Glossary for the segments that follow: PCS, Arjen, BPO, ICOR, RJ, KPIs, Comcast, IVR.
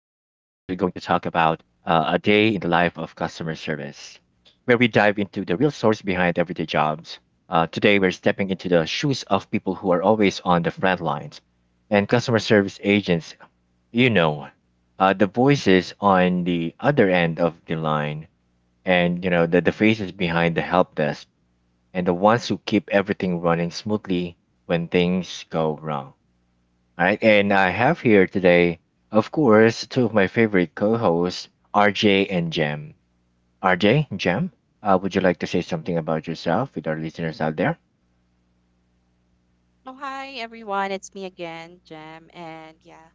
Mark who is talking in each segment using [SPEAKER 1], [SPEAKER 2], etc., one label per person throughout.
[SPEAKER 1] day in the life of customer service, where we dive into the real stories behind everyday jobs. Today, we're stepping into the shoes of people who are always on the front lines and customer service agents, you know, the voices on the other end of the line and, you know, the faces behind the help desk and the ones who keep everything running smoothly when things go wrong. All right, and I have here today, of course, two of my favorite co-hosts, RJ and Jam. RJ, Jam, would you like to say something about yourself with our listeners out there?
[SPEAKER 2] Oh, hi everyone. It's me again, Jem. And yeah,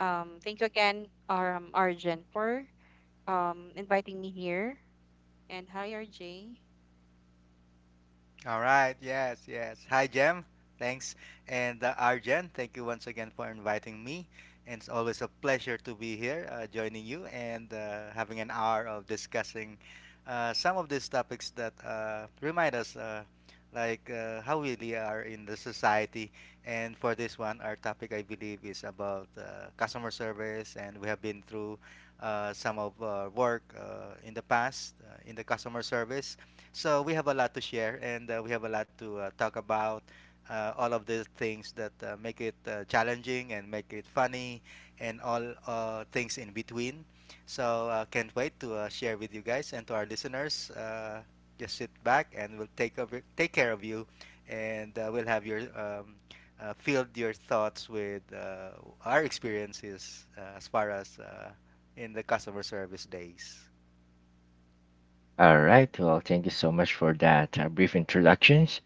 [SPEAKER 2] um, thank you, Arjen, for inviting me here. And hi, RJ.
[SPEAKER 3] All right. Yes, yes. Hi, Jem. Thanks. And Arjen, thank you once again for inviting me. And it's always a pleasure to be here, joining you and having an hour of discussing some of these topics that remind us, like how we really are in the society. And for this one, our topic, I believe, is about customer service. And we have been through some of work in the past in the customer service, so we have a lot to share and we have a lot to talk about. All of the things that make it challenging and make it funny, and all things in between. So can't wait to share with you guys and to our listeners. Just sit back and we'll take over, take care of you, and we'll have your filled your thoughts with our experiences as far as in the customer service days.
[SPEAKER 1] All right. Well, thank you so much for that brief introductions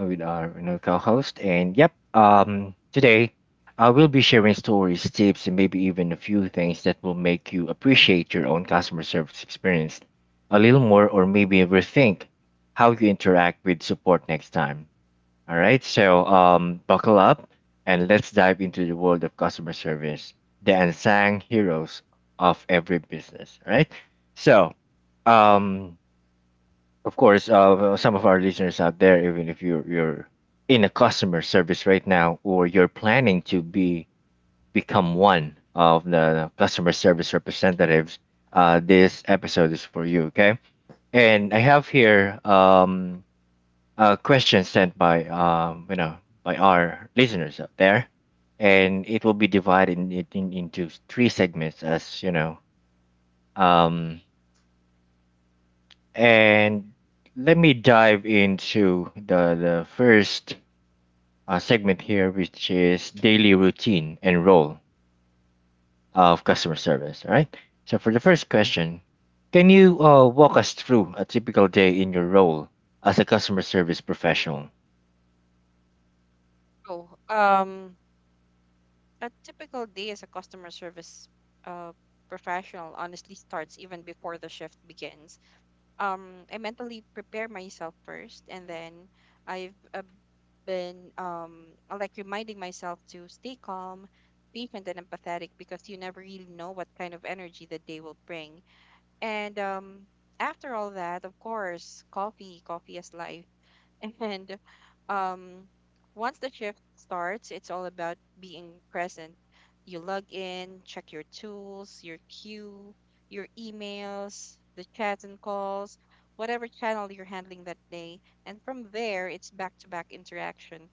[SPEAKER 1] with our, you know, co-host. And yep, today I will be sharing stories, tips, and maybe even a few things that will make you appreciate your own customer service experience a little more, or maybe rethink how you interact with support next time. All right. So buckle up and let's dive into the world of customer service, the unsung heroes of every business. All right. So. Um, of course, some of our listeners out there, even if you're in a customer service right now, or you're planning to be become one of the customer service representatives, this episode is for you. Okay, and I have here a question sent by you know, by our listeners out there, and it will be divided into three segments, as you know. Um, And Let me dive into the first segment here, which is daily routine and role of customer service. All right. So, for the first question, can you walk us through a typical day in your role as a customer service professional?
[SPEAKER 2] Oh, um, a typical day as a customer service uh, professional honestly starts even before the shift begins. I mentally prepare myself first, and then I've been reminding myself to stay calm, patient and empathetic, because you never really know what kind of energy the day will bring. And After all that, of course, coffee is life. And um, Once the shift starts, it's all about being present. You log in, check your tools, your queue, your emails, the chats and calls, whatever channel you're handling that day. And from there, it's back to back interaction.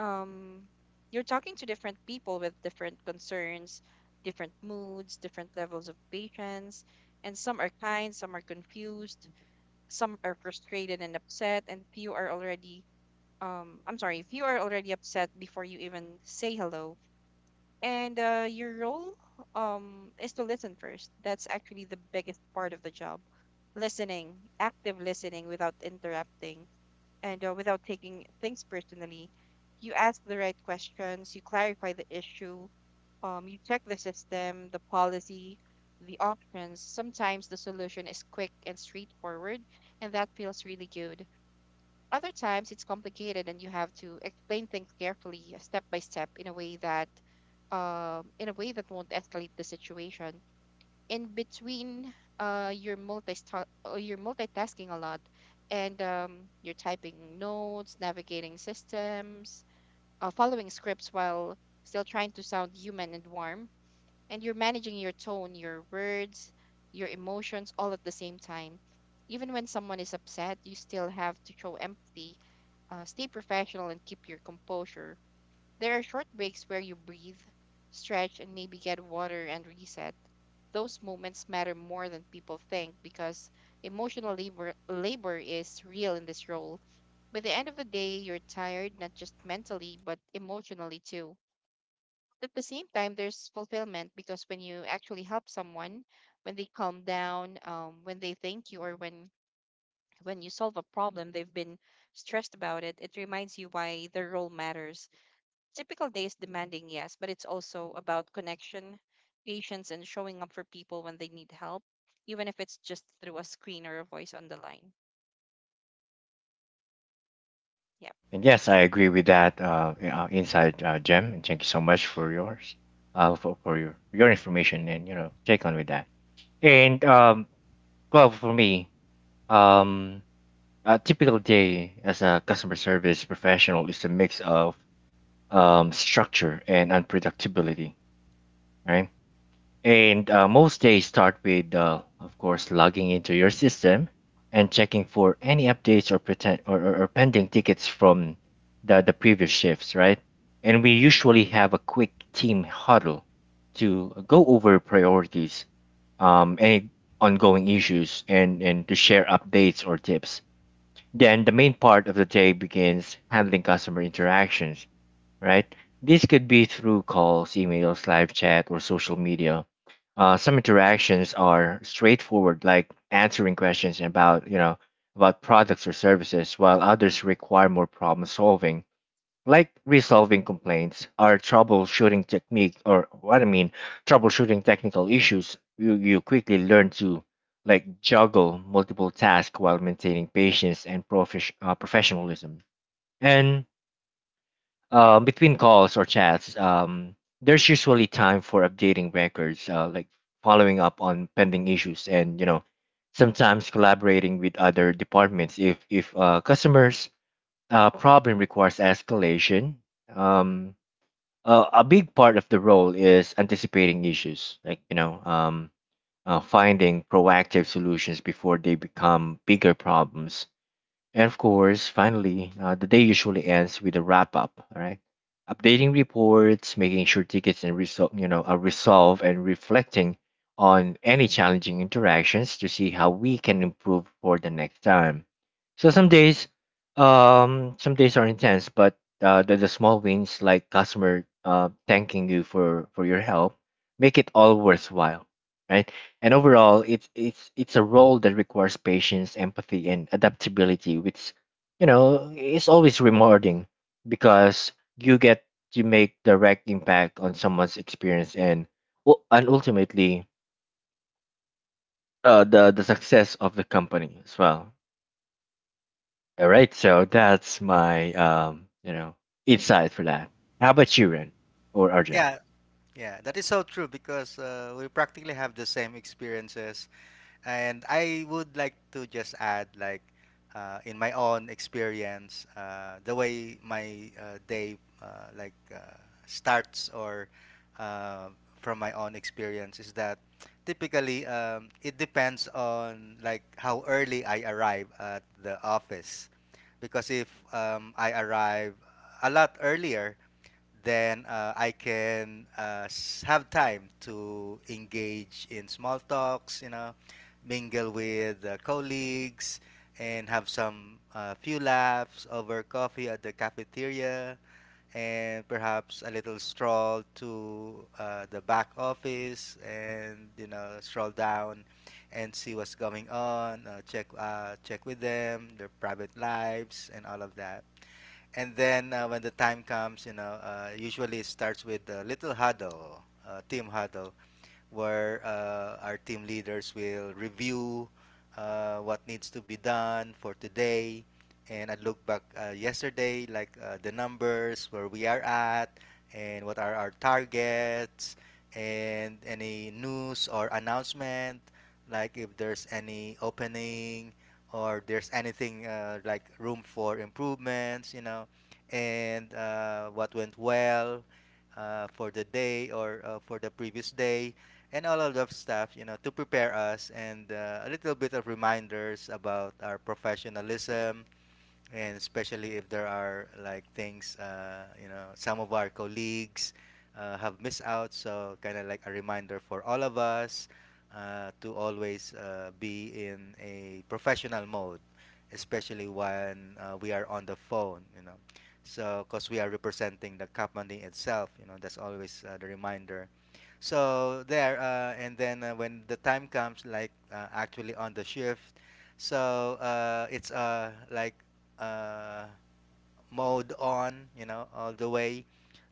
[SPEAKER 2] Um, you're talking to different people with different concerns, different moods, different levels of patience. And some are kind, some are confused, some are frustrated and upset, and few are already I'm sorry, if you are already upset before you even say hello, and your role is to listen first. That's actually the biggest part of the job. Listening, active listening without interrupting and without taking things personally. You ask the right questions, you clarify the issue, you check the system, the policy, the options. Sometimes the solution is quick and straightforward, and that feels really good. Other times it's complicated and you have to explain things carefully, step by step, in a way that in a way that won't escalate the situation. In between, uh, you're multi you're multitasking a lot, and you're typing notes, navigating systems, following scripts while still trying to sound human and warm. And you're managing your tone, your words, your emotions all at the same time. Even when someone is upset, you still have to show empathy, stay professional and keep your composure. There are short breaks where you breathe, stretch, and maybe get water and reset. Those moments matter more than people think, because emotional labor is real in this role. By the end of the day, you're tired, not just mentally, but emotionally too. At the same time, there's fulfillment because when you actually help someone, when they calm down, when they thank you, or when you solve a problem they've been stressed about it, it reminds you why their role matters. Typical day is demanding, yes, but it's also about connection, patience, and showing up for people when they need help, even if it's just through a screen or a voice on the line. Yep,
[SPEAKER 1] And yes, I agree with that insight, Jem. And thank you so much for yours, for your information and, you know, take on with that. And well, for me, um, a typical day as a customer service professional is a mix of structure and unpredictability, right? And most days start with, of course, logging into your system and checking for any updates or, pretend, or pending tickets from the previous shifts, right? And we usually have a quick team huddle to go over priorities, any ongoing issues, and to share updates or tips, then the main part of the day begins handling customer interactions, right? This could be through calls, emails, live chat, or social media. Some interactions are straightforward, like answering questions about, you know, about products or services, while others require more problem solving like resolving complaints our troubleshooting technique or what I mean troubleshooting technical issues, you quickly learn to like juggle multiple tasks while maintaining patience and professionalism, and between calls or chats, there's usually time for updating records, like following up on pending issues and, you know, sometimes collaborating with other departments if customers problem requires escalation. um, a big part of the role is anticipating issues, like, you know, finding proactive solutions before they become bigger problems. And of course, finally, the day usually ends with a wrap up, all right? Updating reports, making sure tickets and you know, are resolved, and reflecting on any challenging interactions to see how we can improve for the next time. So some days are intense, but the small wins like customer thanking you for your help make it all worthwhile, right? And overall, it's a role that requires patience, empathy, and adaptability, which, you know, is always rewarding because you get to make direct impact on someone's experience and and ultimately the success of the company as well. All right, so
[SPEAKER 2] right,
[SPEAKER 1] that's my, um, you know, insight for that. How about you, Ren or RJ?
[SPEAKER 3] Yeah. Yeah, that is so true because we practically have the same experiences. And I would like to just add, like, in my own experience, the way my day starts, or uh, from my own experience, is that typically it depends on like how early I arrive at the office, because if I arrive a lot earlier, then I can have time to engage in small talks, you know, mingle with colleagues, and have some few laughs over coffee at the cafeteria, and perhaps a little stroll to the back office, and you know, stroll down and see what's going on, check with them, their private lives, and all of that. And then when the time comes, you know, usually it starts with a little huddle, team huddle, where our team leaders will review what needs to be done for today. And I look back yesterday, like the numbers, where we are at, and what are our targets, and any news or announcement, like if there's any opening or there's anything like room for improvements, you know, and what went well for the day or for the previous day and all of that stuff, you know, to prepare us, and a little bit of reminders about our professionalism, and especially if there are like things you know some of our colleagues have missed out, so kind of like a reminder for all of us to always be in a professional mode, especially when we are on the phone, you know, so because we are representing the company itself, you know, that's always the reminder. So there, and then when the time comes, like actually on the shift, so it's like uh, mode on, you know, all the way.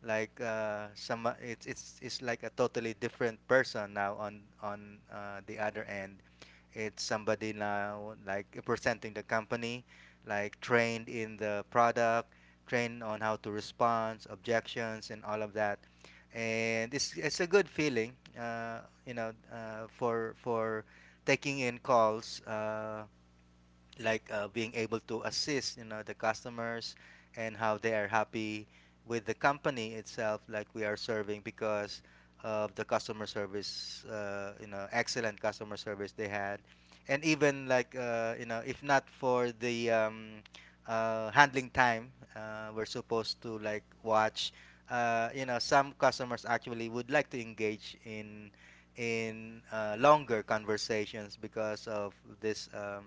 [SPEAKER 3] Like some, it's like a totally different person now on the other end. It's somebody now like representing the company, like trained in the product, trained on how to respond, objections, and all of that. And it's a good feeling, you know, for taking in calls. Like being able to assist, you know, the customers, and how they are happy with the company itself like we are serving, because of the customer service, you know, excellent customer service they had. And even like you know, if not for the handling time, we're supposed to like watch you know, some customers actually would like to engage in longer conversations because of this um,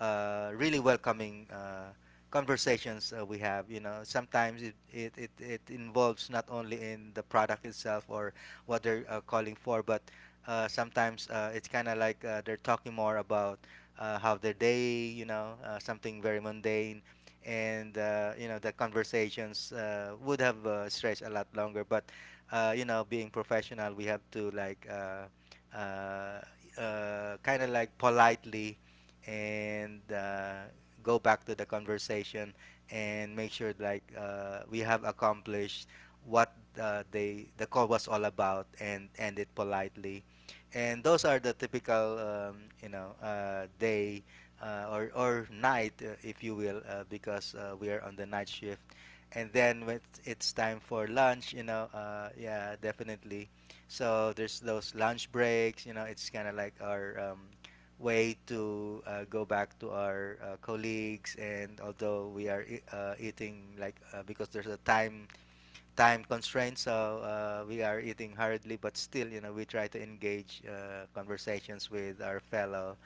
[SPEAKER 3] uh, really welcoming conversations we have. You know, sometimes it involves not only in the product itself or what they're calling for, but sometimes it's kind of like they're talking more about how their day, you know, something very mundane. And you know, the conversations would have stretched a lot longer, but you know, being professional, we have to like uh, kind of like politely and go back to the conversation and make sure like we have accomplished what the call was all about, and end it politely. And those are the typical you know, day or night, if you will, because we are on the night shift. And then when it's time for lunch, you know, yeah, definitely, so there's those lunch breaks, you know, it's kind of like our way to go back to our colleagues, and although we are eating, like because there's a time constraint, so we are eating hurriedly, but still, you know, we try to engage conversations with our fellow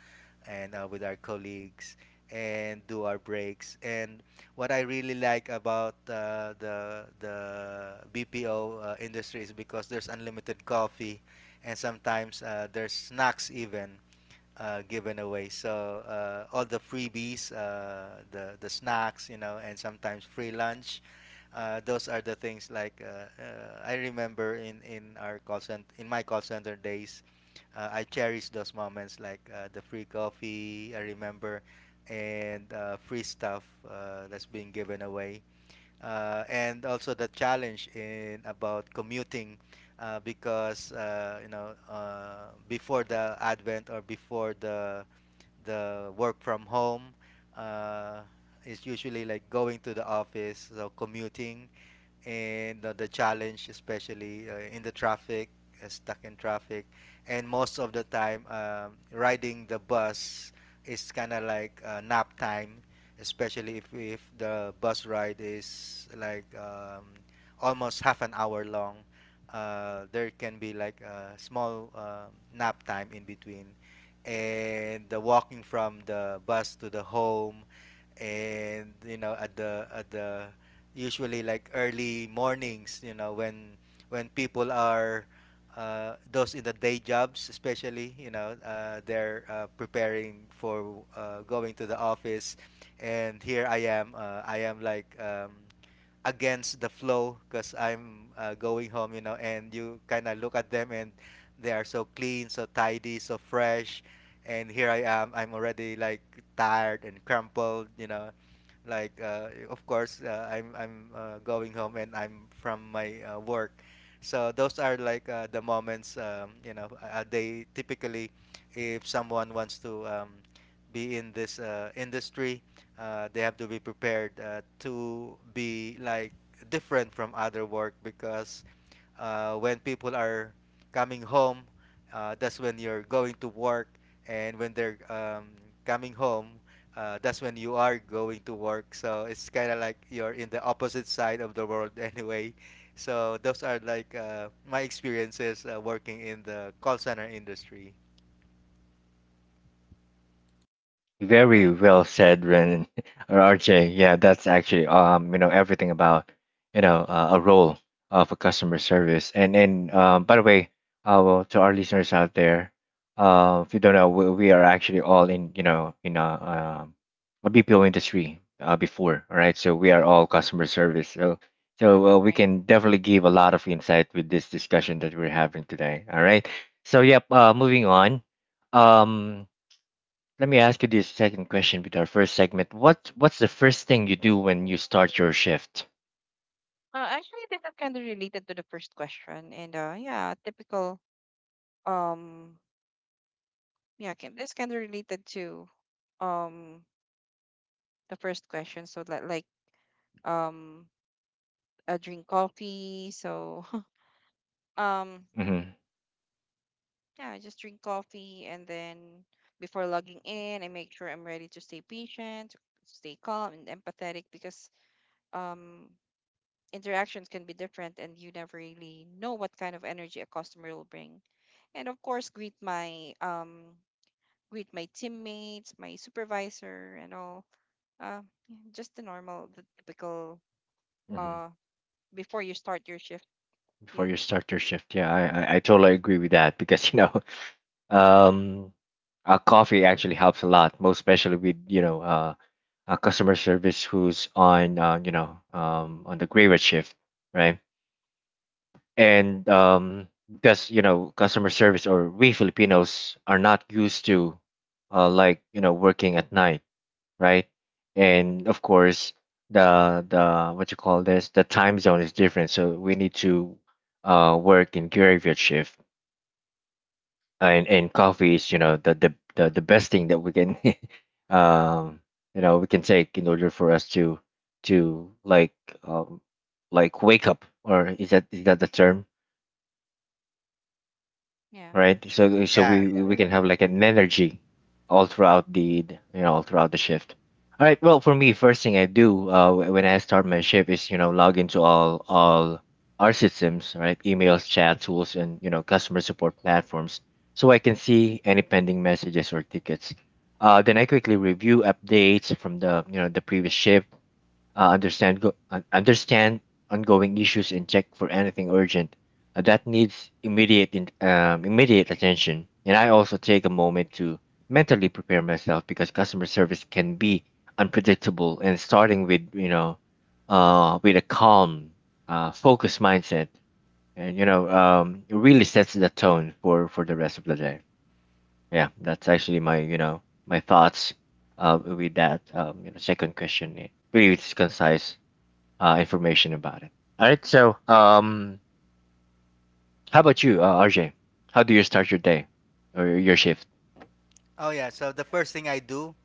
[SPEAKER 3] and with our colleagues and do our breaks. And what I really like about the BPO industry is because there's unlimited coffee, and sometimes there's snacks even given away. So all the freebies, the snacks, you know, and sometimes free lunch. Those are the things like I remember in our call center, in my call center days. I cherish those moments, like the free coffee, I remember, and free stuff that's being given away, and also the challenge in about commuting, because you know, before the advent or before the work from home, uh, is usually like going to the office, so commuting and the challenge, especially in the traffic, stuck in traffic. And most of the time riding the bus is kind of like nap time, especially if the bus ride is like almost half an hour long, there can be like a small nap time in between. And the walking from the bus to the home, and you know, at the usually like early mornings, you know, when people are those in the day jobs, especially, you know, they're preparing for going to the office, and here I am. I am like against the flow because I'm going home, you know, and you kind of look at them, and they are so clean, so tidy, so fresh. And here I am, I'm already like tired and crumpled, you know. Like, of course, I'm going home, and I'm from my work. So those are like the moments, you know, they typically, if someone wants to be in this industry, they have to be prepared to be like different from other work, because when people are coming home, that's when you're going to work, and when they're coming home, that's when you are going to work. So it's kind of like you're in the opposite side of the world anyway. So those are like my experiences working in the call center industry.
[SPEAKER 2] right,
[SPEAKER 1] Very well said, Ren or RJ. Yeah, that's actually, you know, everything about, you know, a role of a customer service. And by the way, well, to our listeners out there, if you don't know, we are actually all in, you know, in a BPO industry before, all right? So we are all customer service. So so we
[SPEAKER 2] right.
[SPEAKER 1] can definitely give a lot of insight with this discussion that we're having today. All right. So yep, moving on. Um, Let me ask you this second question with our first segment. What what's the first thing you do when you start your shift?
[SPEAKER 2] Actually, this is kind of related to the first question, and yeah, typical. Um, this kind of related to um the first question. So that like um, drink coffee. Um,
[SPEAKER 1] Hmm
[SPEAKER 2] yeah, I just drink coffee, and then before logging in, I make sure I'm ready to stay patient, stay calm and empathetic, because um interactions can be different and you never really know what kind of energy a customer will bring. And of course, greet my greet my teammates, my supervisor and all. Uh, yeah, just the normal, the typical
[SPEAKER 1] hmm
[SPEAKER 2] uh before you start your shift.
[SPEAKER 1] Before
[SPEAKER 2] Yeah.
[SPEAKER 1] you start your shift, I totally agree with that because, you know, um, coffee actually helps a lot, most especially with, you know, a customer service who's on, you know, on the graveyard shift, right? And, because, you know, customer service, or we Filipinos are not used to like, you know, working at night, right? And of course, the what you call this, the time zone is different. So we need to work in graveyard shift, and coffee is, you know, the best thing that we can um you know, we can take in order for us to um like wake up, or is that the term,
[SPEAKER 2] Yeah.
[SPEAKER 1] right? So so
[SPEAKER 3] Yeah, yeah.
[SPEAKER 1] we can have like an energy all throughout you know, all throughout the shift. All right. Well, for me, first thing I do when I start my shift is, you know, log into all our systems, right? Emails, chat tools, and, you know, customer support platforms, so I can see any pending messages or tickets. Then I quickly review updates from the, you know, the previous shift, understand understand ongoing issues and check for anything urgent that needs immediate attention. And I also take a moment to mentally prepare myself because customer service can be unpredictable. And starting with, you know, with a calm, focused mindset, and, you know, it really sets the tone for the rest of the day. Yeah, that's actually my, you know, my thoughts with that, you know, second question. It really it's concise information about it. All right. So, how about you, RJ? How do you start your day or your shift?
[SPEAKER 3] Oh yeah. So the first thing I do,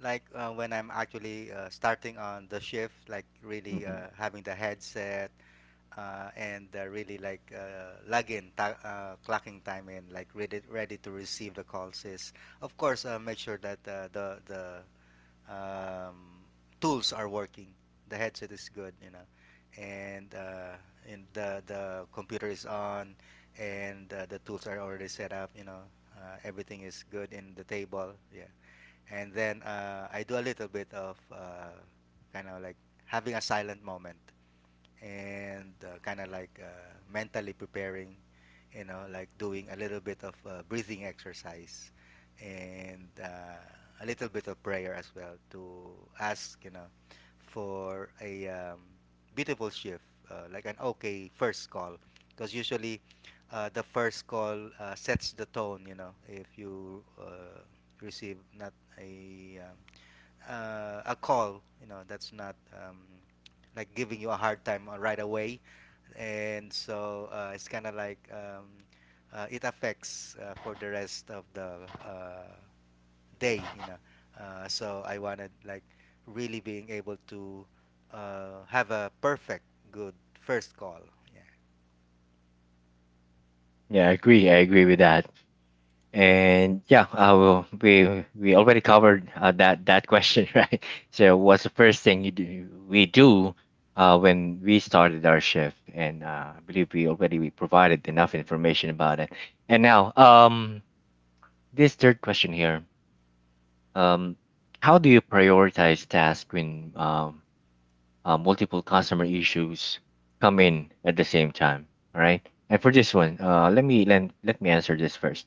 [SPEAKER 3] like when I'm actually starting on the shift, like really
[SPEAKER 1] Hmm
[SPEAKER 3] having the headset and really like log in, clocking time in, like ready to receive the calls, is, of course, make sure that the um, tools are working. The headset is good, you know, and the computer is on, and the tools are already set up, you know. Everything is good in the table. Yeah, and then I do a little bit of kind of like having a silent moment and kind of like mentally preparing, you know, like doing a little bit of breathing exercise and a little bit of prayer as well, to ask, you know, for a beautiful shift, like an okay first call, because usually the first call sets the tone. You know, if you receive not a a call, you know, that's not like giving you a hard time right away, and so it's kind of like it affects for the rest of the uh, day, you know, so I wanted like really being able to have a perfect good first call. Yeah.
[SPEAKER 1] Yeah, I agree. I agree with that. And yeah, I will. We already covered that that question, right? So, what's the first thing you do? We do when we started our shift, and I believe we already we provided enough information about it. And now, this third question here, um, how do you prioritize tasks when multiple customer issues come in at the same time. All right. And for this one, let me let, let me answer this first.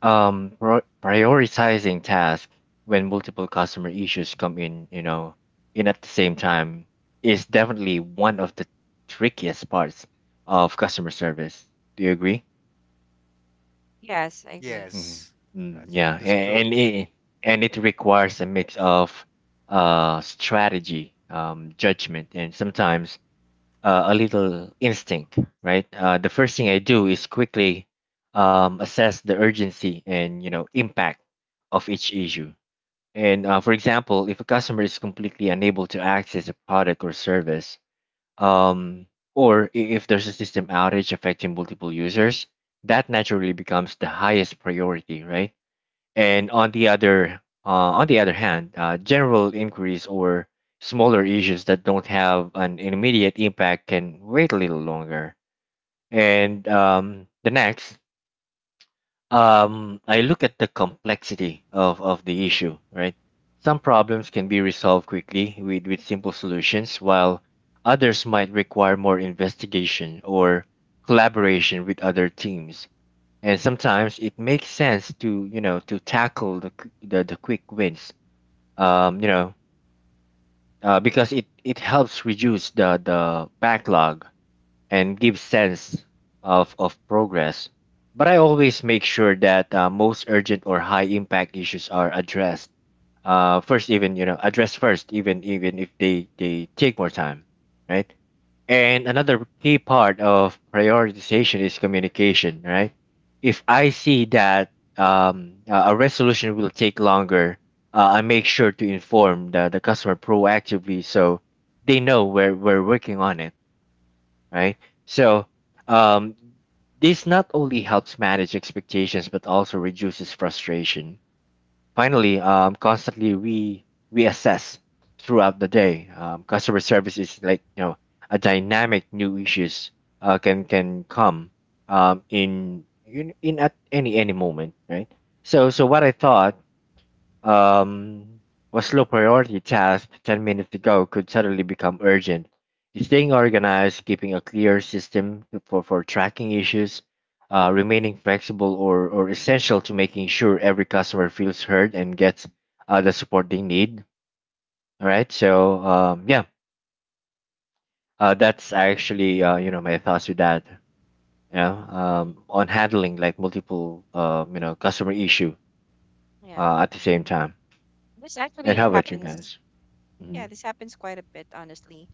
[SPEAKER 1] Prioritizing tasks when multiple customer issues come in, you know, in at the same time is definitely one of the trickiest parts of customer service. Do you agree?
[SPEAKER 2] Yes, I agree.
[SPEAKER 1] Mm,
[SPEAKER 3] Yes,
[SPEAKER 1] yeah,
[SPEAKER 3] that's true.
[SPEAKER 1] and it requires a mix of strategy, judgment, and sometimes a little instinct, right? The first thing I do is quickly assess the urgency and, you know, impact of each issue. And for example, if a customer is completely unable to access a product or service, um, if there's a system outage affecting multiple users, that naturally becomes the highest priority, right? And on the other hand, general inquiries or smaller issues that don't have an immediate impact can wait a little longer. And, the next, I look at the complexity of the issue, right? Some problems can be resolved quickly with simple solutions, while others might require more investigation or collaboration with other teams, and sometimes it makes sense to, you know, to tackle the quick wins, um, you know, because it helps reduce the backlog and give sense of progress. But I always make sure that most urgent or high impact issues are addressed first, even you know, addressed first, even even if they they take more time, right? And another key part of prioritization is communication, right? If I see that, a resolution will take longer, I make sure to inform the customer proactively so they know we're working on it, right? So, um, this not only helps manage expectations but also reduces frustration. Finally, constantly re reassess throughout the day. Customer service is like a dynamic. New issues can come in at any moment, right? So what I thought, um, what low priority task 10 minutes ago could suddenly become urgent. Staying organized, keeping a clear system for, tracking issues, remaining flexible or essential to making sure every customer feels heard and gets the support they need. All right. So, yeah, that's actually, my thoughts with that,
[SPEAKER 2] Mhm.
[SPEAKER 1] on handling like multiple, customer issue
[SPEAKER 2] Yeah.
[SPEAKER 1] at the same time.
[SPEAKER 2] This
[SPEAKER 1] And
[SPEAKER 2] actually
[SPEAKER 1] how about you
[SPEAKER 2] happens
[SPEAKER 1] guys? Mm-hmm.
[SPEAKER 2] Yeah, this happens quite a bit, honestly.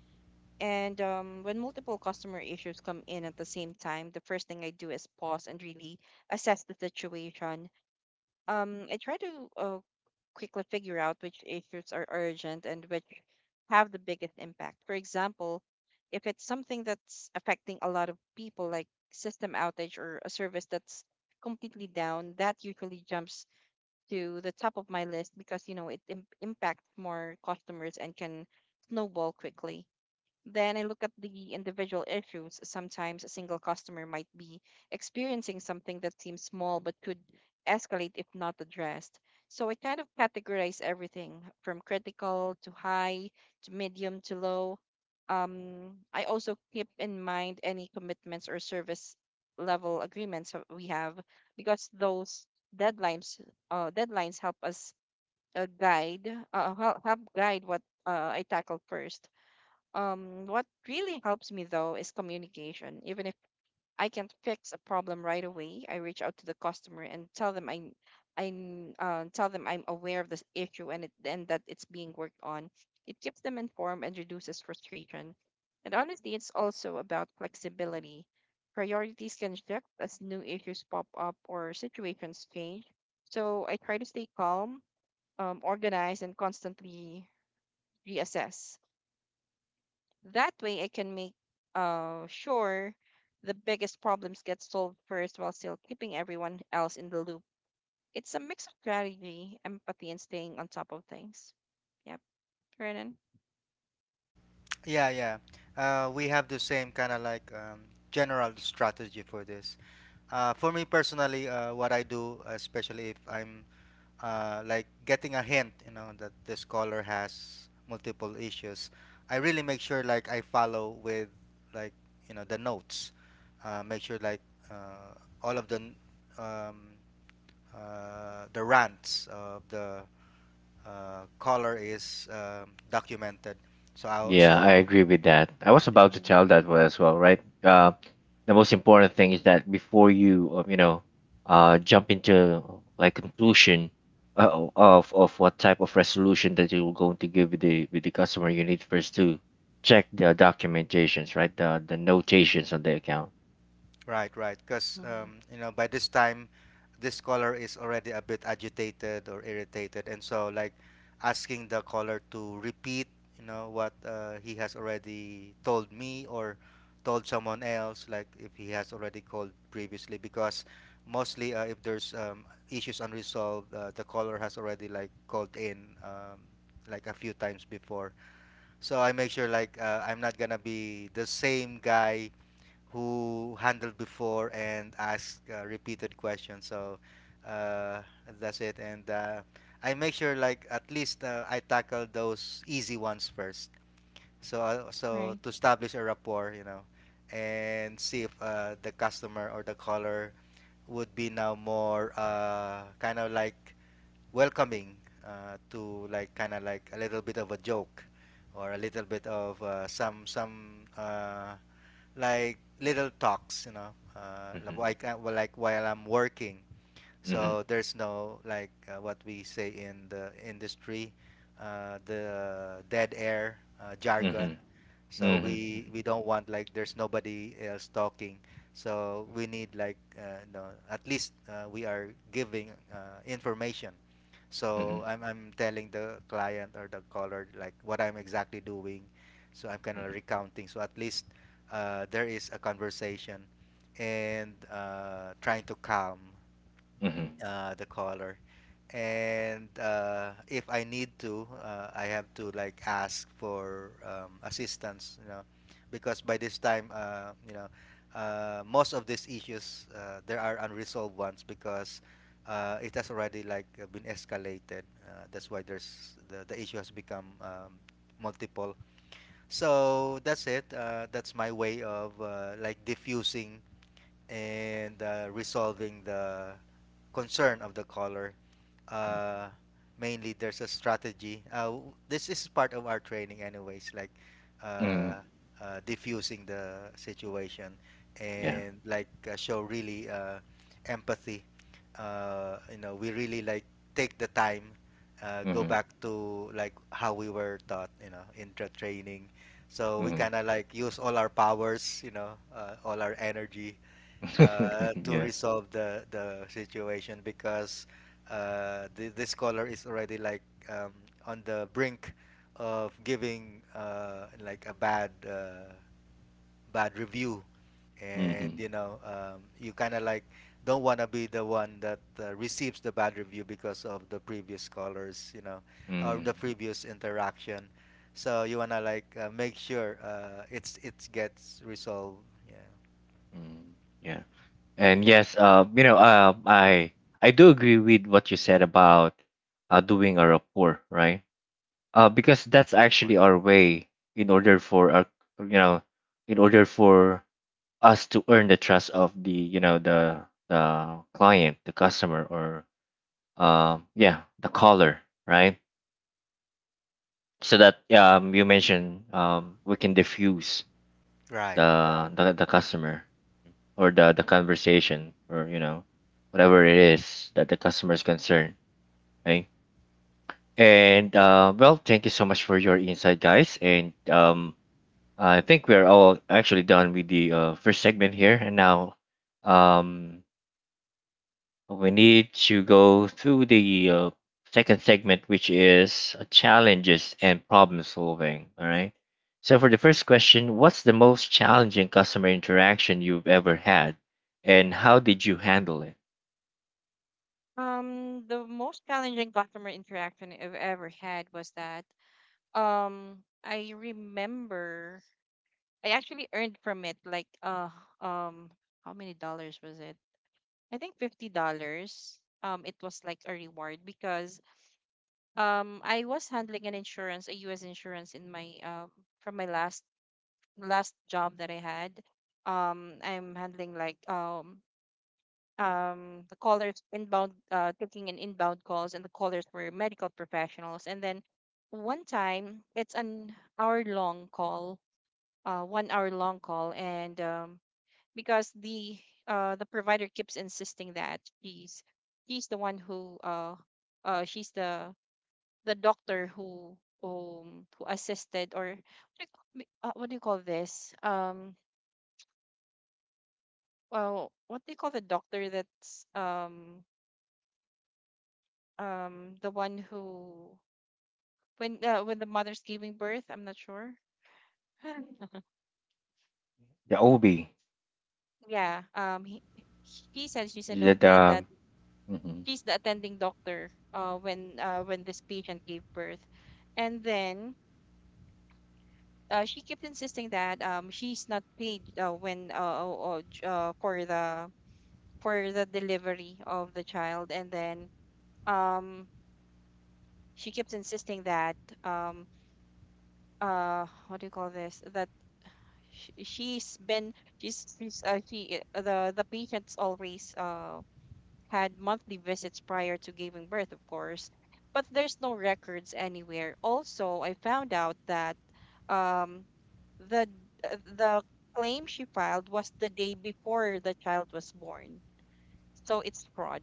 [SPEAKER 2] And When multiple customer issues come in at the same time, the first thing I do is pause and really assess the situation. I try to uh, quickly figure out which issues are urgent and which have the biggest impact. For example, if it's something that's affecting a lot of people, like system outage or a service that's completely down, that usually jumps to the top of my list, because you know it impacts more customers and can snowball quickly. Then I look at the individual issues. Sometimes a single customer might be experiencing something that seems small but could escalate if not addressed. So I kind of categorize everything from critical to high to medium to low. I also keep in mind any commitments or service level agreements that we have, because those deadlines deadlines help uh, guide guide what I tackle first. What really helps me though is communication. Even if I can't fix a problem right away, I reach out to the customer and tell them I tell them I'm aware of this issue, and that it's being worked on. It keeps them informed and reduces frustration. And honestly, it's also about flexibility. Priorities can shift as new issues pop up or situations change. So I try to stay calm, organized, and constantly reassess. That way I can make sure the biggest problems get solved first while still keeping everyone else in the loop. It's a mix of strategy, empathy, and staying on top of things. Yep, Renan.
[SPEAKER 3] Yeah, yeah. We have the same kind of like general strategy for this. For me personally, what I do, especially if I'm like getting a hint, you know, that this caller has multiple issues. I really make sure like I follow with like you know the notes. Make sure like uh, all of the n- um, the rants of the caller is documented. So I
[SPEAKER 1] Yeah, I
[SPEAKER 3] so.
[SPEAKER 1] agree with that. I was about to
[SPEAKER 2] Mm-hmm.
[SPEAKER 1] tell that one as well, right? The most important thing is that before you, jump into like conclusion of what type of resolution that you're going to give with the customer, you need first to check the documentations, right? The notations on the account.
[SPEAKER 3] Right, right. Because,
[SPEAKER 2] Mm-hmm.
[SPEAKER 3] you know, by this time, this caller is already a bit agitated or irritated. And so, like, asking the caller to repeat, you know, what he has already told me or told someone else, like, if he has already called previously, because mostly if there's issues unresolved, the caller has already, like, called in, like, a few times before. So I make sure, like, I'm not gonna be the same guy who handled before and asked repeated questions. So uh, that's it. And I make sure like at least I tackle those easy ones first. So
[SPEAKER 2] Right.
[SPEAKER 3] to establish a rapport, you know, and see if the customer or the caller would be now more kind of like welcoming to like kind of like a little bit of a joke or a little bit of some like little talks, you know,
[SPEAKER 1] Mhm.
[SPEAKER 3] like while I'm working.
[SPEAKER 1] Mhm.
[SPEAKER 3] So there's no like what we say in the industry, the dead air jargon.
[SPEAKER 1] Mhm.
[SPEAKER 3] So
[SPEAKER 1] Mhm.
[SPEAKER 3] we don't want like there's nobody else talking. So we need like no, at least we are giving information.
[SPEAKER 1] Mhm.
[SPEAKER 3] So
[SPEAKER 1] Mhm.
[SPEAKER 3] I'm telling the client or the caller like what I'm exactly doing. So I'm kind of
[SPEAKER 1] Mhm.
[SPEAKER 3] recounting. So at least there is a conversation and trying to calm
[SPEAKER 1] Mhm.
[SPEAKER 3] the caller. And if I need to, I have to like ask for assistance, you know, because by this time, you know, most of these issues there are unresolved ones because it has already like been escalated. That's why there's the issue has become multiple. So that's it. That's my way of like diffusing and resolving the concern of the caller.
[SPEAKER 1] Mhm.
[SPEAKER 3] Uh, Mainly, there's a strategy. This is part of our training, anyways, like uh,
[SPEAKER 1] Mhm.
[SPEAKER 3] diffusing the situation
[SPEAKER 1] Yeah.
[SPEAKER 3] and like show really empathy. You know, we really like take the time. Go
[SPEAKER 1] Mhm.
[SPEAKER 3] back to like how we were taught, you know, in the training. So we
[SPEAKER 1] Mhm.
[SPEAKER 3] kind of like use all our powers, you know, all our energy to
[SPEAKER 1] Yeah.
[SPEAKER 3] resolve the situation because this scholar is already like um, on the brink of giving like a bad review, and
[SPEAKER 1] Mhm.
[SPEAKER 3] you know you kind of like don't want to be the one that receives the bad review because of the previous scholars, you know, or the
[SPEAKER 1] Mhm.
[SPEAKER 3] previous interaction. So you wanna like make sure it gets resolved. Yeah.
[SPEAKER 1] Mm, yeah, and yes, I do agree with what you said about doing a rapport, right? Because that's
[SPEAKER 2] Or four.
[SPEAKER 1] actually our way in order for our, you know, in order for us to earn the trust of the, the client, the customer, or yeah, the caller, right? So that you mentioned, we can diffuse
[SPEAKER 3] Right.
[SPEAKER 1] the customer or the conversation or, whatever it is that the customer is concerned, okay? And well, thank you so much for your insight, guys, and I think we're all actually done with the first segment here, and now um we need to go through the second segment, which is challenges and problem solving. All right. So, for the first question, what's the most challenging customer interaction you've ever had, and how did you handle it?
[SPEAKER 2] The most challenging customer interaction I've ever had was that um I remember I actually earned from it um how many dollars was it? I think $50. It was like a reward because I was handling an insurance, a U.S. insurance in my from my last job that I had. I'm handling the callers inbound, taking in inbound calls, and the callers were medical professionals. And then one time, it's an hour long call, 1 hour long call, and because the provider keeps insisting that she's the one who she's the doctor who who assisted, or what do you call this, well what do you call the doctor that's the one who, when the mother's giving birth, I'm not sure
[SPEAKER 1] The OB.
[SPEAKER 2] yeah — he says she's a nobie, and that
[SPEAKER 1] The, mm-hmm.
[SPEAKER 2] she's the attending doctor, when this patient gave birth. And then she kept insisting that she's not paid, for the delivery of the child. And then um, she keeps insisting that um, what do you call this, that sh- she's been she's she the patient's always had monthly visits prior to giving birth, of course, but there's no records anywhere. Also, I found out that um, the the claim she filed was the day before the child was born, so it's fraud.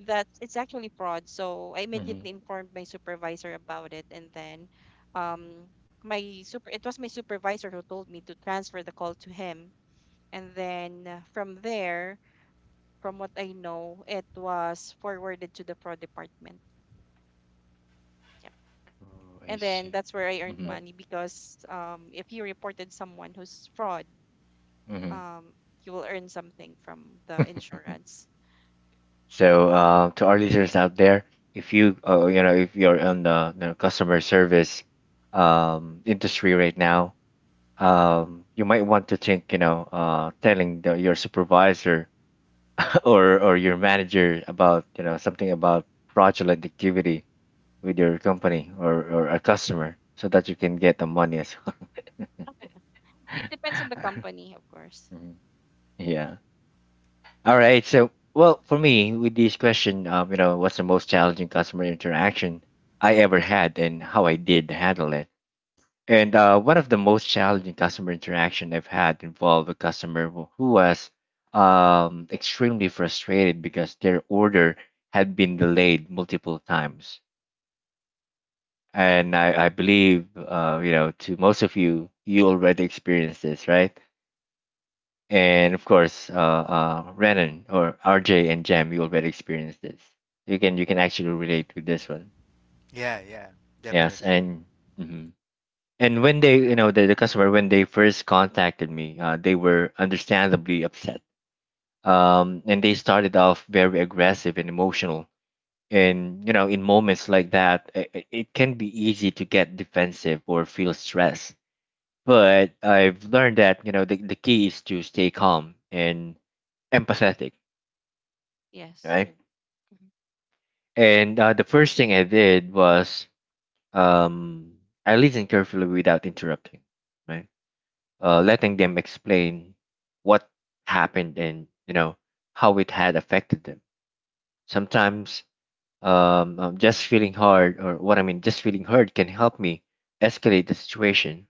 [SPEAKER 2] That's it's actually fraud. So I
[SPEAKER 1] Hmm.
[SPEAKER 2] immediately informed my supervisor about it, and then um, my super it was my supervisor who told me to transfer the call to him, and then from there, from what I know, it was forwarded to the fraud department. Yeah.
[SPEAKER 1] Oh, I
[SPEAKER 2] And then
[SPEAKER 1] see.
[SPEAKER 2] that's where I earned
[SPEAKER 1] Hmm.
[SPEAKER 2] money, because if you reported someone who's fraud,
[SPEAKER 1] Hmm.
[SPEAKER 2] um, you will earn something from the insurance.
[SPEAKER 1] So, to our listeners out there, if you, you know if you're on the, customer service industry right now, you might want to think, telling the, your supervisor or your manager about, something about fraudulent activity with your company or a customer, so that you can get the money as well.
[SPEAKER 2] It depends on the company, of course.
[SPEAKER 1] Mhm. Yeah. All right. So, well, for me, with this question, what's the most challenging customer interaction I ever had, and how I did handle it? And one of the most challenging customer interaction I've had involved a customer who was extremely frustrated because their order had been delayed multiple times. And I, believe, to most of you, you already experienced this, right? And of course, Renan or RJ and Jam, you already experienced this. You can actually relate to this one.
[SPEAKER 3] Yeah, yeah,
[SPEAKER 1] Yes,
[SPEAKER 3] definitely.
[SPEAKER 1] and mhm. And when they, the, customer, when they first contacted me, they were understandably upset. And they started off very aggressive and emotional. And, in moments like that, it, can be easy to get defensive or feel stressed. But I've learned that, the, key is to stay calm and empathetic,
[SPEAKER 2] Yes.
[SPEAKER 1] right?
[SPEAKER 2] Mm-hmm.
[SPEAKER 1] And the first thing I did was, um, I listened carefully without interrupting, right? Letting them explain what happened and how it had affected them. Sometimes just feeling hard, or what I mean, just feeling hurt, can help me escalate the situation.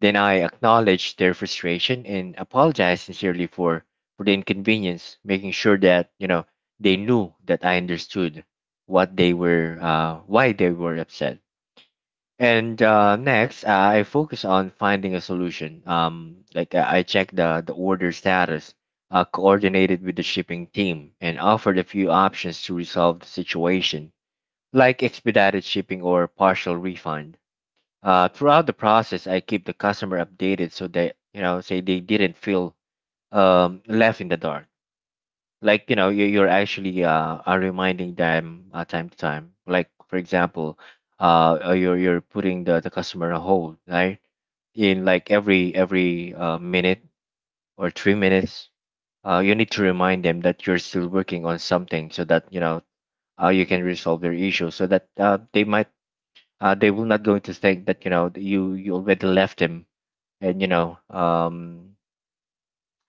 [SPEAKER 1] Then I acknowledge their frustration and apologize sincerely for the inconvenience, making sure that they knew that I understood what they were, why they were upset. And Next, I focus on finding a solution. I check the, order status, coordinated with the shipping team, and offered a few options to resolve the situation, like expedited shipping or partial refund. Throughout the process, I keep the customer updated so that, say, they didn't feel left in the dark, like, you, you're actually are reminding them time to time, like, for example, you're putting the, customer on hold, right, in like every minute or 3 minutes. You need to remind them that you're still working on something so that, you can resolve their issue so that, they might, they will not going to think that, that you, already left them, and you know um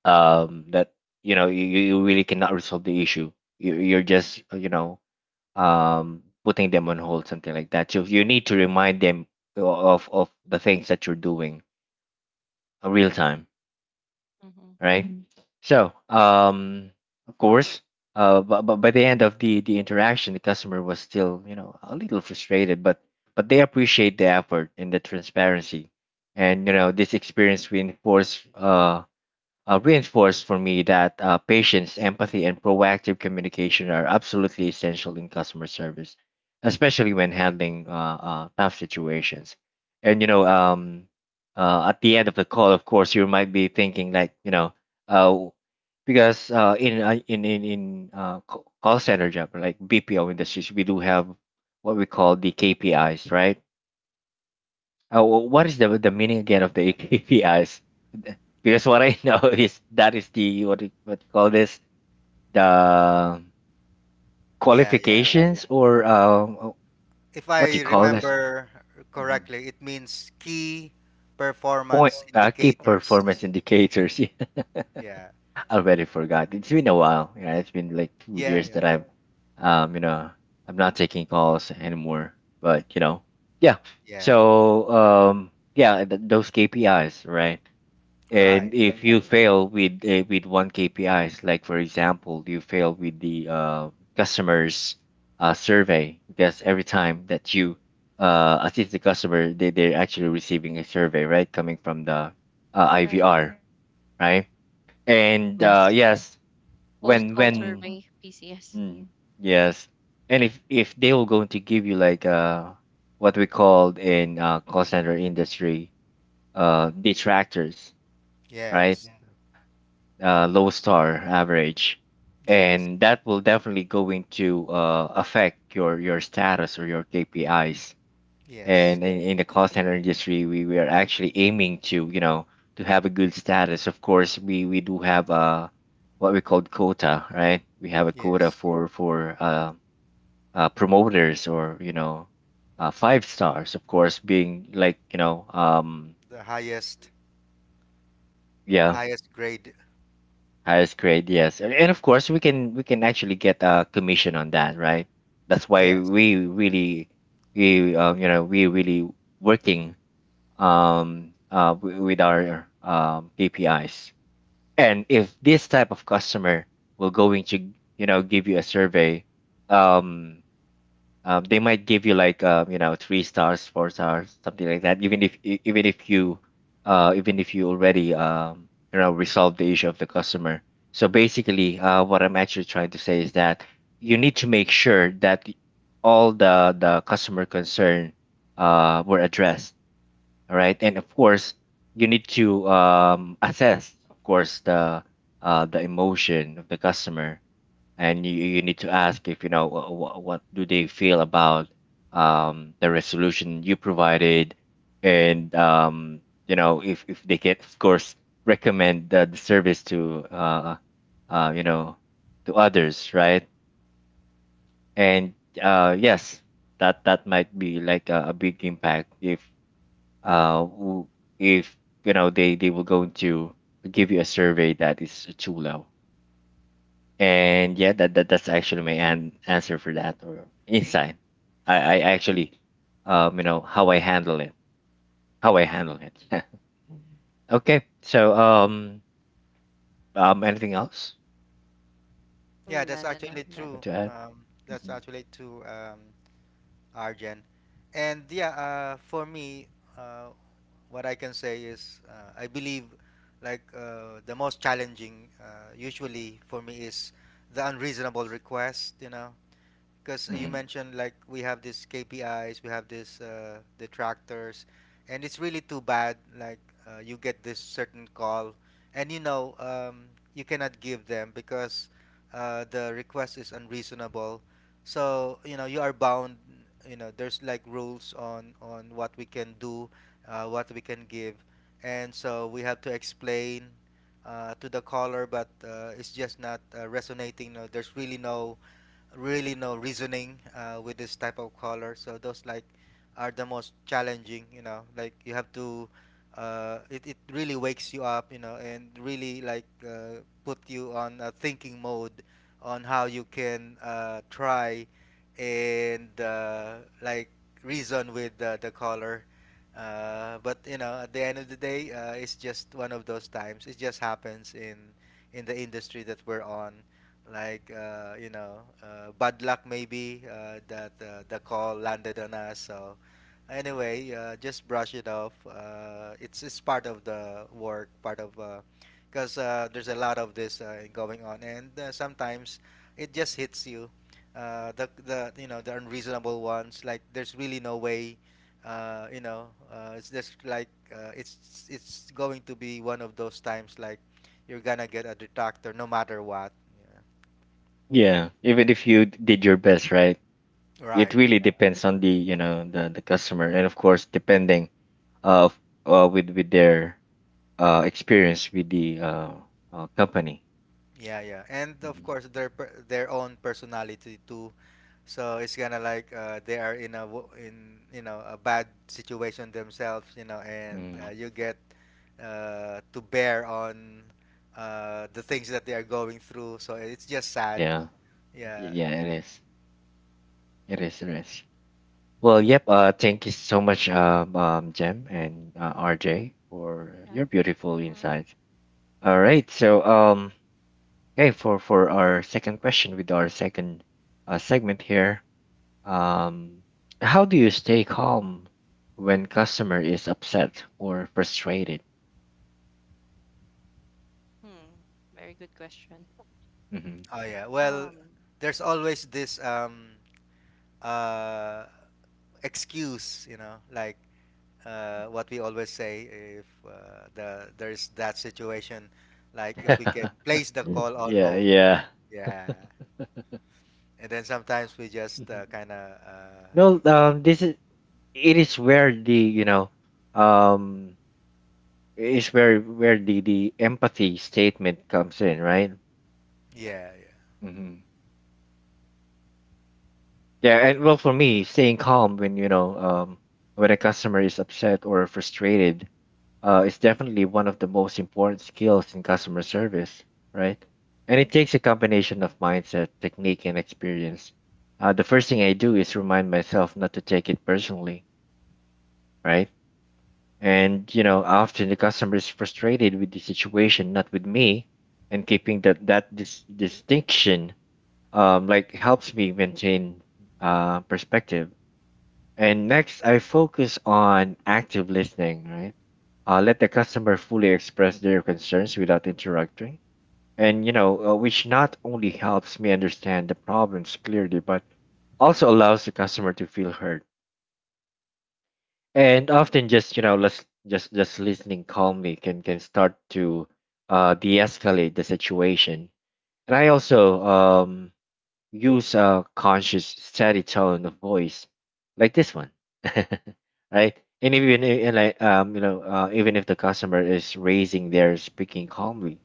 [SPEAKER 1] um that you, you really cannot resolve the issue, you, you're just, putting them on hold, something like that. So you need to remind them of the things that you're doing real time,
[SPEAKER 2] Hmm.
[SPEAKER 1] right? Mhm. So, of course, but by the end of the interaction, the customer was still, a little frustrated, but they appreciate the effort and the transparency, and, this experience reinforced, reinforced for me that patience, empathy, and proactive communication are absolutely essential in customer service, especially when handling tough situations. And, at the end of the call, of course, you might be thinking like, uh, because in ca- call center job, like BPO industries, we do have what we call the KPIs, right? Wh- what is the meaning again of the KPIs? Because what I know is that is the, what do you- what you call this, the
[SPEAKER 3] Yeah, yeah.
[SPEAKER 1] qualifications or
[SPEAKER 3] If
[SPEAKER 1] what do
[SPEAKER 3] I
[SPEAKER 1] you call this.
[SPEAKER 3] remember
[SPEAKER 1] Mhm.
[SPEAKER 3] correctly, it means key
[SPEAKER 1] Point,
[SPEAKER 3] performance
[SPEAKER 1] key performance
[SPEAKER 3] indicators.
[SPEAKER 1] indicators.
[SPEAKER 3] Yeah,
[SPEAKER 1] Yeah, I already forgot. It's been a while. Yeah, it's been like two
[SPEAKER 3] yeah,
[SPEAKER 1] years
[SPEAKER 3] yeah,
[SPEAKER 1] that I've um you know I'm not taking calls anymore. But, yeah, so,
[SPEAKER 3] yeah.
[SPEAKER 1] yeah, those KPIs, right? And
[SPEAKER 3] Right.
[SPEAKER 1] if you— Exactly. —fail with, with one KPIs, like for example, you fail with the customers survey, because every time that you assist the customer, they they're actually receiving a survey, right, coming from the
[SPEAKER 2] Right.
[SPEAKER 1] IVR, right? And
[SPEAKER 2] Yes.
[SPEAKER 1] yes,
[SPEAKER 2] Post
[SPEAKER 1] when
[SPEAKER 2] call survey, PCS.
[SPEAKER 1] mm, yes, and if they will going to give you like, what we called in call center industry detractors, right?
[SPEAKER 3] Yes,
[SPEAKER 1] Low star average,
[SPEAKER 3] yes,
[SPEAKER 1] and that will definitely going to affect your status or your KPIs.
[SPEAKER 3] yes,
[SPEAKER 1] And in, the call center industry, we, are actually aiming to, to have a good status. Of course, we do have, what we call quota, right? We have a quota
[SPEAKER 3] yes.
[SPEAKER 1] for promoters, or, 5 stars. Of course, being like,
[SPEAKER 3] The
[SPEAKER 1] yeah.
[SPEAKER 3] highest grade.
[SPEAKER 1] Highest grade, yes, and, of course, we can actually get a commission on that, right? That's why
[SPEAKER 3] Yes.
[SPEAKER 1] we really we you know we really working, with our, KPIs. And if this type of customer will going to, give you a survey, um they might give you like, 3 stars, 4 stars something like that, even if even if you, even if you already, resolve the issue of the customer. So basically, what I'm actually trying to say is that you need to make sure that all the customer concern were addressed, all right? And of course, you need to, assess of course the emotion of the customer, and you, need to ask if, what do they feel about the resolution you provided, and, you know, if, they can of course recommend the, service to, uh, you know to others, right? And yes, that might be like a, big impact if, uh, w- if, they, will go into give you a survey that is too low. And yeah, that, that's actually my answer for that, or insight. I actually, how I handle it, how I handle it. Yeah. Okay, so, anything else?
[SPEAKER 3] Yeah,
[SPEAKER 2] Mm. No,
[SPEAKER 3] that's
[SPEAKER 2] no, no,
[SPEAKER 3] actually
[SPEAKER 2] none.
[SPEAKER 1] What
[SPEAKER 3] true.
[SPEAKER 1] to add?
[SPEAKER 3] That's
[SPEAKER 1] Hmm.
[SPEAKER 3] actually true, Arjen. And yeah, for me, uh, what I can say is I believe like the most challenging usually for me is the unreasonable request, you know, because you
[SPEAKER 1] Hmm.
[SPEAKER 3] mentioned like we have these KPIs, we have these detractors, and it's really too bad. Like you get this certain call, and you know you cannot give them because the request is unreasonable. So you know you are bound. You know there's like rules on what we can do, what we can give, and so we have to explain. To the caller, but it's just not resonating. No, there's really no reasoning with this type of color. So those like are the most challenging. You know, like you have to. It really wakes you up. You know, and really like put you on a thinking mode on how you can try and like reason with the color. But you know, at the end of the day, it's just one of those times. It just happens in the industry that we're on, like you know bad luck maybe that the call landed on us. So anyway, just brush it off. It's part of the work, part of there's a lot of this going on. And sometimes it just hits you, the you know, the unreasonable ones, like there's really no way. You know, it's just like it's going to be one of those times, like you're gonna get a detractor no matter what. Yeah.
[SPEAKER 1] Yeah, even if you did your best, right? It
[SPEAKER 3] Right.
[SPEAKER 1] really depends on, the the customer, and of course, depending uh, f- with their experience with the company.
[SPEAKER 3] Yeah, yeah. And of
[SPEAKER 1] Hmm.
[SPEAKER 3] course their own personality too. So it's kind of like they are in you know a bad situation themselves, you know, and
[SPEAKER 1] Mm.
[SPEAKER 3] you get to bear on the things that they are going through. So it's just sad.
[SPEAKER 1] Yeah.
[SPEAKER 3] Yeah.
[SPEAKER 1] Yeah, it is. It is, it is. Well, yep. Thank you so much, Jem, and RJ, for
[SPEAKER 2] Yeah.
[SPEAKER 1] your beautiful
[SPEAKER 2] Hmm.
[SPEAKER 1] insights. All right. So, okay, for our second question with our second segment here, um, how do you stay calm when customer is upset or frustrated?
[SPEAKER 2] Hmm. Very good question.
[SPEAKER 1] hmm
[SPEAKER 3] Oh yeah. Well,
[SPEAKER 2] Um.
[SPEAKER 3] there's always this uh excuse, you know, like what we always say if there's that situation, like if we can place the call on
[SPEAKER 1] yeah,
[SPEAKER 3] hold.
[SPEAKER 1] yeah.
[SPEAKER 3] Yeah. And then sometimes we just
[SPEAKER 1] Mhm.
[SPEAKER 3] kind of,
[SPEAKER 1] No, this is it is where um, is where the empathy statement comes in, right?
[SPEAKER 3] yeah, yeah.
[SPEAKER 1] hmm Yeah, and well, for me, staying calm when you know when a customer is upset or frustrated is definitely one of the most important skills in customer service, right? And it takes a combination of mindset, technique, and experience. The first thing I do is remind myself not to take it personally, right? And you know, often the customer is frustrated with the situation, not with me. And keeping that distinction like helps me maintain perspective. And next, I focus on active listening. Right, let the customer fully express their concerns without interrupting. And which not only helps me understand the problems clearly, but also allows the customer to feel heard and often just you know just listening calmly can start to de-escalate the situation. And I also use a conscious steady tone of voice like this one. Right, and even I- and like you know even if the customer is raising their, speaking calmly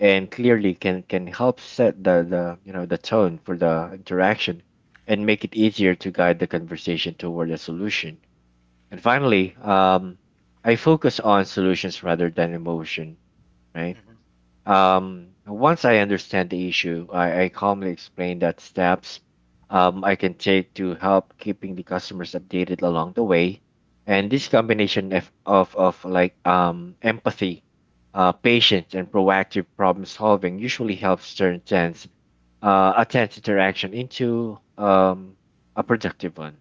[SPEAKER 1] and clearly can help set the you know the tone for the interaction and make it easier to guide the conversation toward a solution. And finally, I focus on solutions rather than emotion, right?
[SPEAKER 3] Mhm.
[SPEAKER 1] Once I understand the issue, I calmly explain that steps I can take to help, keeping the customers updated along the way. And this combination of empathy, patience, and proactive problem solving usually helps turn a tense interaction into a productive one,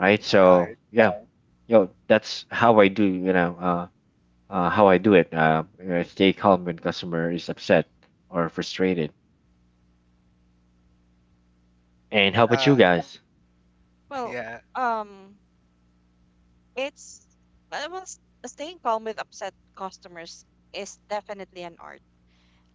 [SPEAKER 1] right?
[SPEAKER 3] All
[SPEAKER 1] So
[SPEAKER 3] right.
[SPEAKER 1] yeah. Right. That's how I do, you know. How I do it. Stay calm when customer is upset or frustrated. And how
[SPEAKER 2] Mm.
[SPEAKER 1] about you
[SPEAKER 3] Uh,
[SPEAKER 1] guys?
[SPEAKER 2] Well,
[SPEAKER 3] yeah,
[SPEAKER 2] um, It's I was staying calm with upset customers is definitely an art.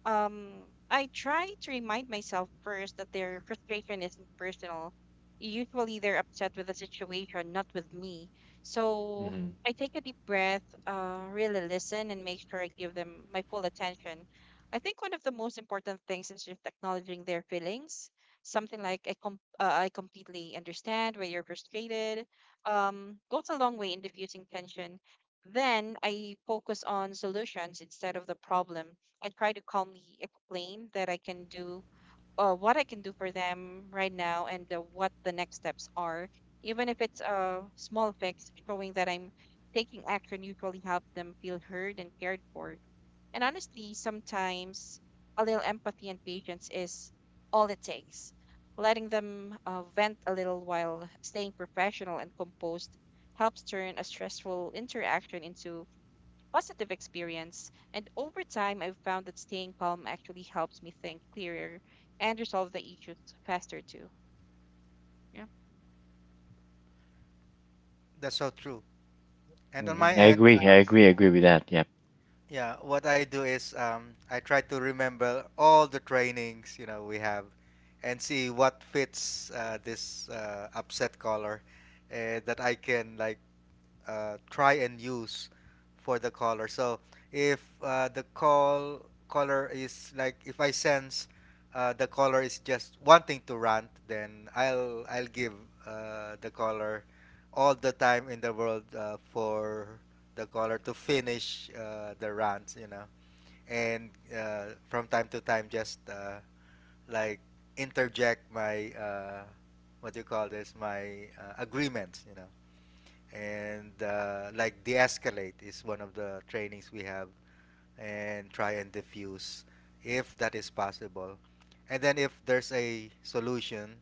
[SPEAKER 2] I try to remind myself first that their frustration isn't personal. Usually they're upset with the situation, not with me. So
[SPEAKER 1] hmm
[SPEAKER 2] I take a deep breath, really listen and make sure I give them my full attention. I think one of the most important things is just acknowledging their feelings. Something like I completely understand why you're frustrated. Goes a long way in diffusing tension. Then I focus on solutions instead of the problem. I try to calmly explain that I can do what I can do for them right now, and what the next steps are. Even if it's a small fix, showing that I'm taking action usually helps them feel heard and cared for. And honestly, sometimes a little empathy and patience is all it takes. Letting them vent a little while staying professional and composed helps turn a stressful interaction into positive experience. And over time, I've found that staying calm actually helps me think clearer and resolve the issues faster too. Yeah,
[SPEAKER 3] that's so true. And on
[SPEAKER 2] yeah,
[SPEAKER 3] my
[SPEAKER 1] I
[SPEAKER 3] end,
[SPEAKER 1] agree. I agree. I agree with that. Yep.
[SPEAKER 3] yeah, what I do is I try to remember all the trainings, you know, we have and see what fits this upset caller that I can like try and use for the caller. So if the call caller is like, if I sense the caller is just wanting to rant, then I'll give the caller all the time in the world for the caller to finish the rant, you know. And from time to time just like interject my what do you call this, my agreements, you know. And like, de-escalate is one of the trainings we have, and try and diffuse if that is possible. And then if there's a solution,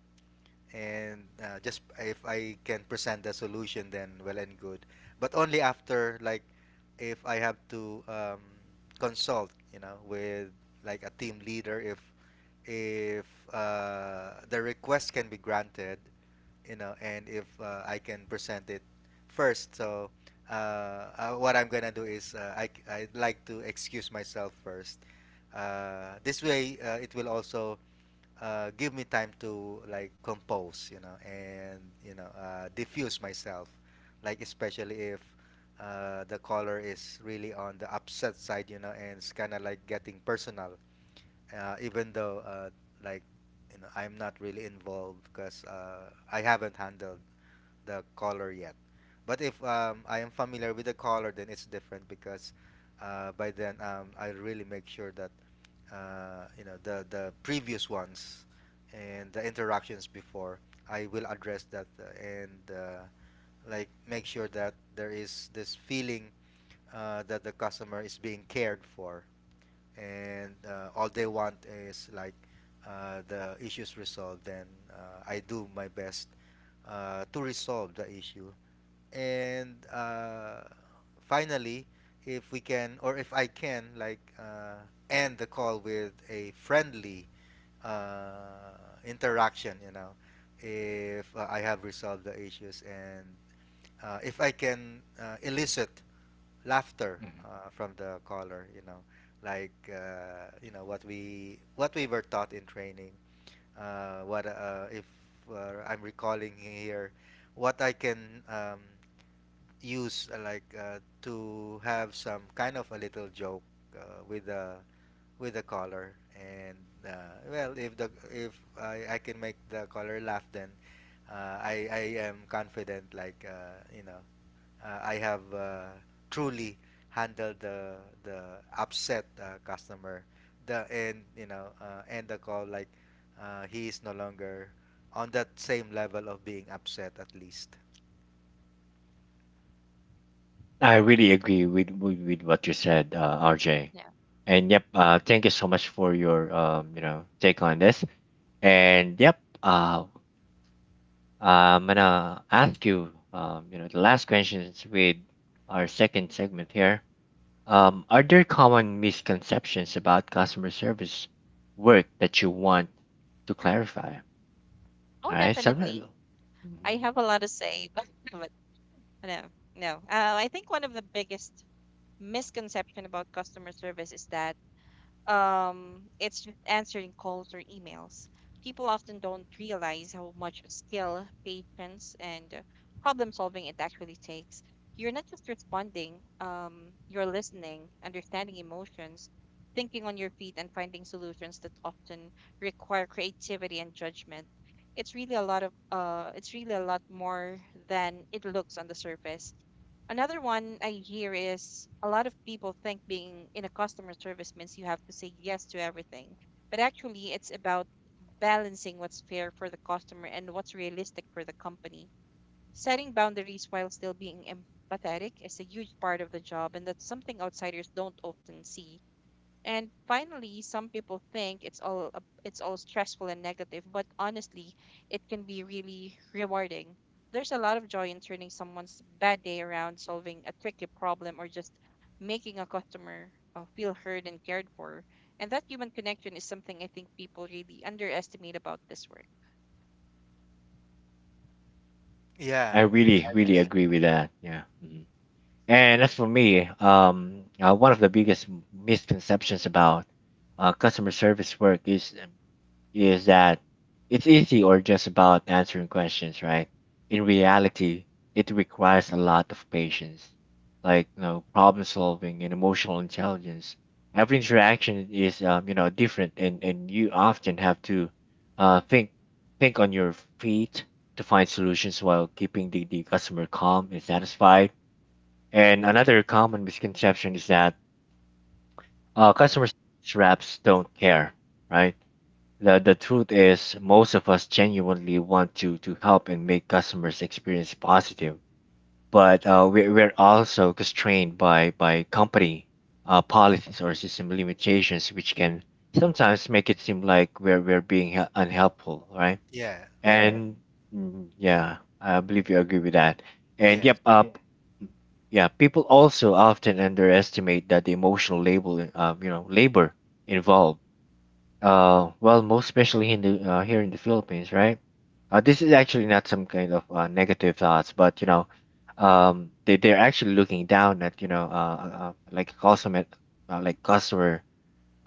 [SPEAKER 3] and just if I can present the solution, then well and good. But only after like, if I have to consult you know with like a team leader if if the request can be granted, you know. And if I can present it first, so what I'm gonna do is I'd like to excuse myself first. This way, it will also give me time to like compose, you know, and you know, diffuse myself, like especially if. The caller is really on the upset side, you know, and it's kind of like getting personal, even though like you know I'm not really involved because I haven't handled the color yet. But if I am familiar with the color, then it's different because by then I really make sure that you know the previous ones and the interactions before, I will address that and like make sure that there is this feeling that the customer is being cared for, and all they want is like the issues resolved. Then I do my best to resolve the issue. And finally, if we can, or if I can like end the call with a friendly uh, interaction, you know, if I have resolved the issues, and if I can elicit laughter
[SPEAKER 1] Mhm.
[SPEAKER 3] from the caller, you know, like you know what we were taught in training, what if I'm recalling here what I can use, like to have some kind of a little joke with the caller. And well, if the if I can make the caller laugh, then uh, I am confident like you know I have truly handled the upset customer. The and you know end the call like he is no longer on that same level of being upset, at least.
[SPEAKER 1] I really agree with what you said, RJ.
[SPEAKER 2] yeah.
[SPEAKER 1] And yep, thank you so much for your take on this. And yep, I'm gonna ask you the last questions with our second segment here. Are there common misconceptions about customer service work that you want to clarify?
[SPEAKER 2] Oh,
[SPEAKER 1] All right, so.
[SPEAKER 2] definitely.
[SPEAKER 1] Mhm.
[SPEAKER 2] I have a lot to say, but no, no. I think one of the biggest misconception about customer service is that it's just answering calls or emails. People often don't realize how much skill, patience, and problem solving it actually takes. You're not just responding, you're listening, understanding emotions, thinking on your feet, and finding solutions that often require creativity and judgment. It's really a lot of it's really a lot more than it looks on the surface. Another one I hear is a lot of people think being in a customer service means you have to say yes to everything. But actually, it's about balancing what's fair for the customer and what's realistic for the company. Setting boundaries while still being empathetic is a huge part of the job, and that's something outsiders don't often see. And finally, some people think it's all stressful and negative, but honestly, it can be really rewarding. There's a lot of joy in turning someone's bad day around, solving a tricky problem, or just making a customer feel heard and cared for. And that human connection is something I think people really underestimate about this work.
[SPEAKER 3] Yeah,
[SPEAKER 1] I really, really
[SPEAKER 2] That's
[SPEAKER 3] agree.
[SPEAKER 2] what.
[SPEAKER 1] agree with that. Yeah. Mhm. And as for me, one of the biggest misconceptions about customer service work is that it's easy or just about answering questions, right? In reality, it requires a lot of patience, like you know, problem solving and emotional intelligence. Every interaction is you know different, and you often have to uh, think think on your feet to find solutions while keeping the customer calm and satisfied. And another common misconception is that customers reps don't care, right? The truth is, most of us genuinely want to help and make customers' experience positive, but we're also constrained by company policies or system limitations, which can sometimes make it seem like we're being unhelpful, right?
[SPEAKER 3] Yeah,
[SPEAKER 1] And yeah, I believe you agree with that. And
[SPEAKER 3] yeah.
[SPEAKER 1] yep, yeah, people also often underestimate that the emotional labor involved, well, most especially in here in the Philippines, right? This is actually not some kind of negative thoughts, but you know, they they're actually looking down at like like customer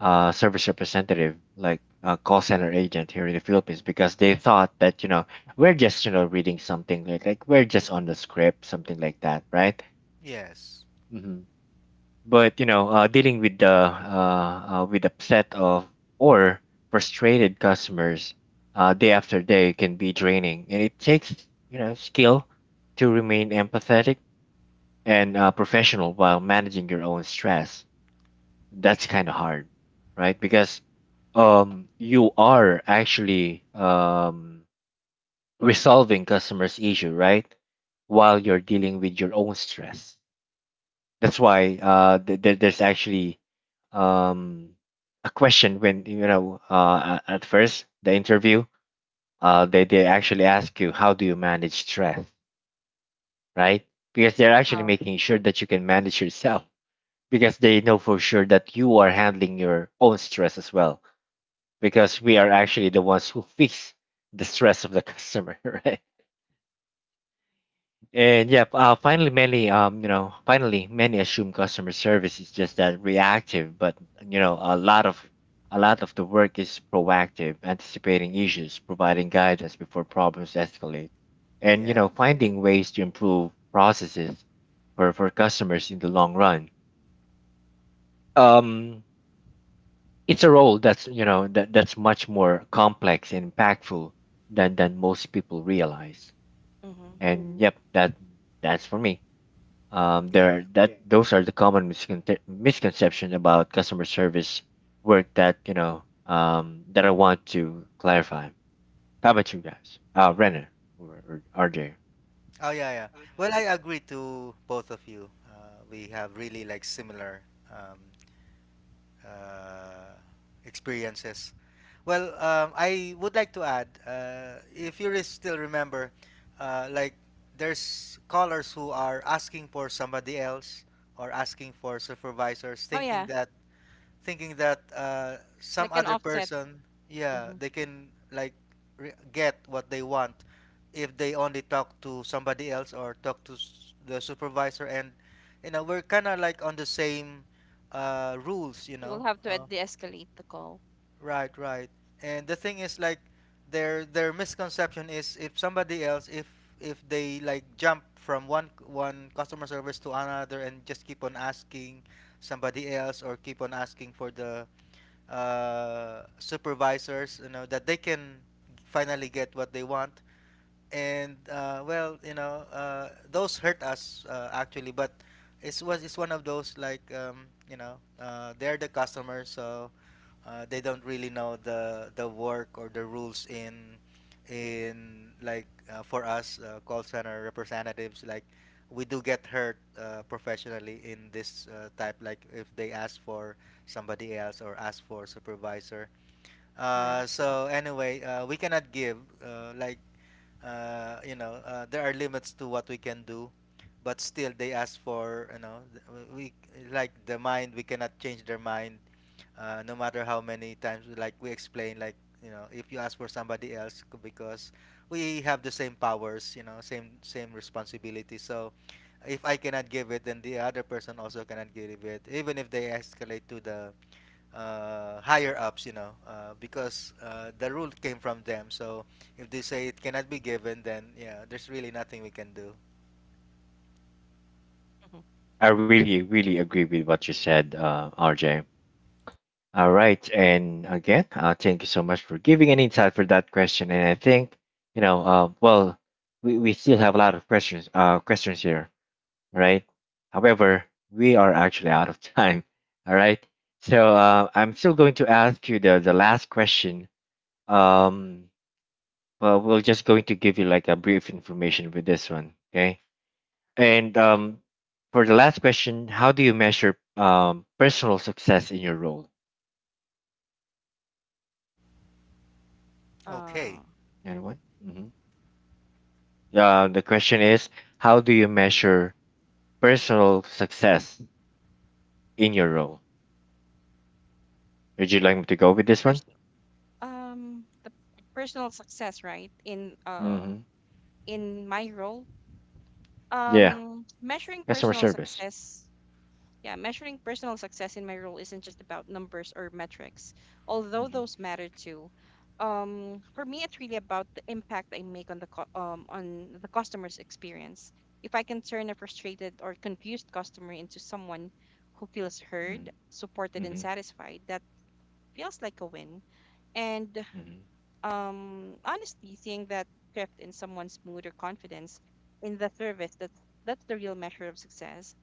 [SPEAKER 1] service representative, like call center agent here in the Philippines, because they thought that you know we're just you know reading something like we're just on the script, something like that, right?
[SPEAKER 3] Yes.
[SPEAKER 1] Mhm. But you know dealing with the with upset of or frustrated customers day after day can be draining and it takes you know skill to remain empathetic and professional while managing your own stress. That's kind of hard, right? Because you are actually resolving customers issue, right, while you're dealing with your own stress. That's why there's actually um, a question when you know at first the interview, they actually ask you, how do you manage stress, right? Because they're actually
[SPEAKER 2] Oh.
[SPEAKER 1] making sure that you can manage yourself, because they know for sure that you are handling your own stress as well, because we are actually the ones who fix the stress of the customer, right? And yeah, finally, many you know, finally, many assume customer service is just that reactive, but you know, a lot of the work is proactive, anticipating issues, providing guidance before problems escalate, and you
[SPEAKER 3] Yes.
[SPEAKER 1] know, finding ways to improve processes for customers in the long run. Um, it's a role that's you know that that's much more complex and impactful than most people realize.
[SPEAKER 2] Mm-hmm.
[SPEAKER 1] And yep, that's for me.
[SPEAKER 3] Yeah.
[SPEAKER 1] There are that those are the common misconception about customer service work that you know that I want to clarify. How about you guys, Renner or RJ?
[SPEAKER 3] Oh, yeah, yeah. Well, I agree to both of you. We have really like similar um, uh, experiences. Well, I would like to add, if you still remember, like there's callers who are asking for somebody else or asking for supervisors,
[SPEAKER 2] Oh
[SPEAKER 3] thinking
[SPEAKER 2] yeah,
[SPEAKER 3] that some
[SPEAKER 2] like an
[SPEAKER 3] other
[SPEAKER 2] offset.
[SPEAKER 3] person, yeah,
[SPEAKER 2] Hmm.
[SPEAKER 3] they can like get what they want if they only talk to somebody else or talk to the supervisor. And you know, we're kind of like on the same rules, you
[SPEAKER 2] You will
[SPEAKER 3] know.
[SPEAKER 2] have to de-escalate the call,
[SPEAKER 3] Right, right. And the thing is, like, their misconception is, if somebody else, if they like jump from one customer service to another and just keep on asking somebody else, or keep on asking for the supervisors, you know, that they can finally get what they want. And well, you know, those hurt us actually. But it's one of those like you know, they're the customer, so they don't really know the work or the rules in like for us call center representatives. Like we do get hurt professionally in this type, like if they ask for somebody else or ask for supervisor.
[SPEAKER 2] right?
[SPEAKER 3] So anyway, we cannot give like you know, there are limits to what we can do. But still they ask for, you know, we like the mind. We cannot change their mind, no matter how many times we explain, like you know, if you ask for somebody else, because we have the same powers, you know, same responsibility. So if I cannot give it, then the other person also cannot give it, even if they escalate to the higher ups, you know, because the rule came from them. So if they say it cannot be given, then yeah, there's really nothing we can do.
[SPEAKER 2] Mm-hmm.
[SPEAKER 1] I really, really agree with what you said, RJ. All right, and again, thank you so much for giving an insight for that question. And I think, you know, well, we still have a lot of questions, questions here, right? However, we are actually out of time. All right. So I'm still going to ask you the last question. Um, well, we're just going to give you like a brief information with this one. Okay. And for the last question, how do you measure personal success in your role?
[SPEAKER 3] Okay.
[SPEAKER 2] Uh,
[SPEAKER 1] Anyone? Mm-hmm. The question is, how do you measure personal success in your role? Would you like me to go with this one?
[SPEAKER 2] first. The personal success, right,
[SPEAKER 1] Mm-hmm.
[SPEAKER 2] in my role.
[SPEAKER 1] Yeah.
[SPEAKER 2] Measuring
[SPEAKER 1] Customer
[SPEAKER 2] personal
[SPEAKER 1] service.
[SPEAKER 2] success yeah measuring personal success in my role isn't just about numbers or metrics, although
[SPEAKER 1] Mhm.
[SPEAKER 2] those matter too. For me, it's really about the impact I make on the customer's experience. If I can turn a frustrated or confused customer into someone who feels heard,
[SPEAKER 1] Mhm.
[SPEAKER 2] supported and
[SPEAKER 1] Mhm.
[SPEAKER 2] satisfied, that feels like a win. and
[SPEAKER 1] Mhm.
[SPEAKER 2] um honestly, seeing that shift in someone's mood or confidence in the service, that's the real measure of success.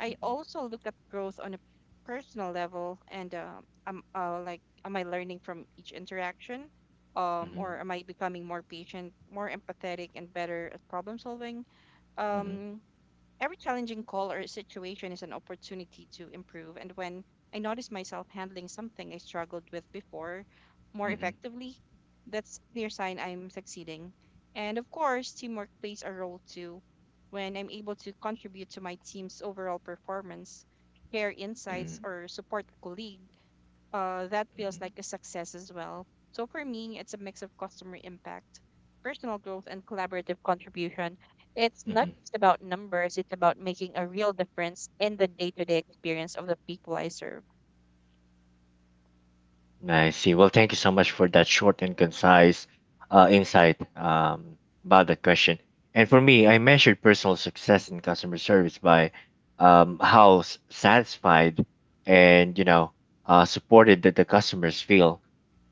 [SPEAKER 2] I
[SPEAKER 1] Mhm.
[SPEAKER 2] also look at growth on a personal level, and am I learning from each interaction,
[SPEAKER 1] Mhm.
[SPEAKER 2] or am I becoming more patient, more empathetic and better at problem solving.
[SPEAKER 1] Mhm.
[SPEAKER 2] um Every challenging call or situation is an opportunity to improve, and when I notice myself handling something I struggled with before more
[SPEAKER 1] Mhm.
[SPEAKER 2] effectively, that's a clear sign I'm succeeding. And of course, teamwork plays a role too. When I'm able to contribute to my team's overall performance, share
[SPEAKER 1] Mhm.
[SPEAKER 2] insights,
[SPEAKER 1] Mhm.
[SPEAKER 2] or support a colleague, that feels
[SPEAKER 1] Mhm.
[SPEAKER 2] like a success as well. So for me, it's a mix of customer impact, personal growth, and collaborative contribution. It's
[SPEAKER 1] Mhm.
[SPEAKER 2] not
[SPEAKER 1] Mhm.
[SPEAKER 2] just about numbers, it's about making a real difference in the day to day experience of the people I serve.
[SPEAKER 1] I see. Well, thank you so much for
[SPEAKER 2] Yep.
[SPEAKER 1] that short and concise insight about that question. And for me, I measured personal success in customer service by how satisfied and you know supported that the customers feel,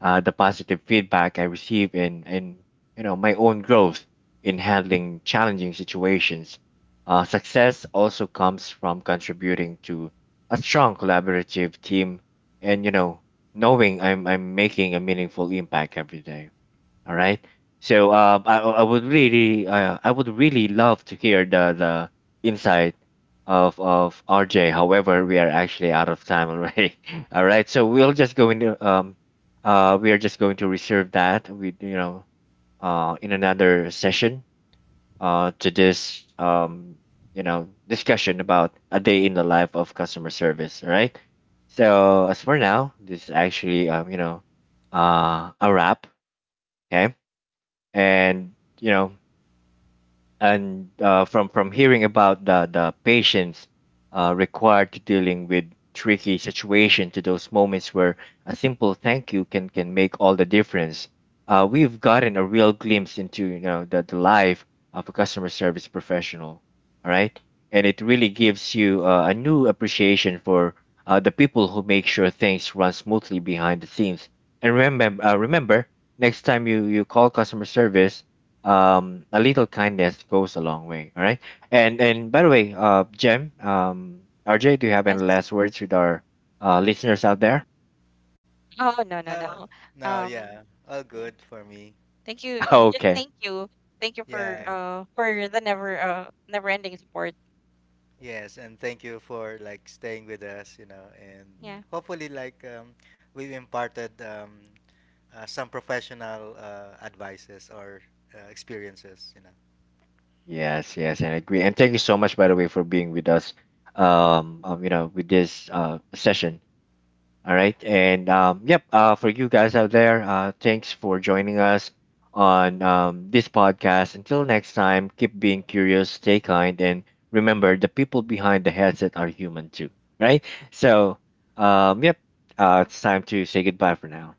[SPEAKER 1] the positive feedback I receive, and you know my own growth in handling challenging situations. Success also comes from contributing to a strong collaborative team and you know knowing I'm making a meaningful impact every day. All right. So I would really love to hear the insight of RJ. However, we are actually out of time already. All right. So we'll just go into we are just going to reserve that with you know in another session to this you know discussion about a day in the life of customer service. All right. So as for now, this is actually a wrap. Okay, and you know and from hearing about the patience required to dealing with tricky situation to those moments where a simple thank you can make all the difference. We've gotten a real glimpse into you know the life of a customer service professional. All right, and it really gives you a new appreciation for the people who make sure things run smoothly behind the scenes. And remember, next time you call customer service, a little kindness goes a long way. All right, and by the way, jem, rj, do you have any
[SPEAKER 2] Yes.
[SPEAKER 1] last words with our listeners out there?
[SPEAKER 2] Oh, no, no,
[SPEAKER 3] Uh,
[SPEAKER 2] no.
[SPEAKER 3] no, yeah,
[SPEAKER 2] Um,
[SPEAKER 3] all
[SPEAKER 2] yeah.
[SPEAKER 3] good for me.
[SPEAKER 2] Thank you. Just
[SPEAKER 1] Okay.
[SPEAKER 2] thank you. Thank you
[SPEAKER 3] Yeah,
[SPEAKER 1] Mhm,
[SPEAKER 2] for the never ending support.
[SPEAKER 3] yes, and thank you for like staying with us, you know, and
[SPEAKER 1] mhm.
[SPEAKER 2] Yeah.
[SPEAKER 3] hopefully like we've imparted some professional advices or experiences, you know.
[SPEAKER 1] Yes, yes, and I agree, and thank you so much by the way for being with us, you know with this session. All right. And yep, for you guys out there, thanks for joining us on this podcast. Until next time, keep being curious, stay kind, and remember the people behind the headset are human too. Right? So, yep, it's time to say goodbye for now.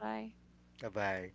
[SPEAKER 2] Bye.
[SPEAKER 3] Bye bye.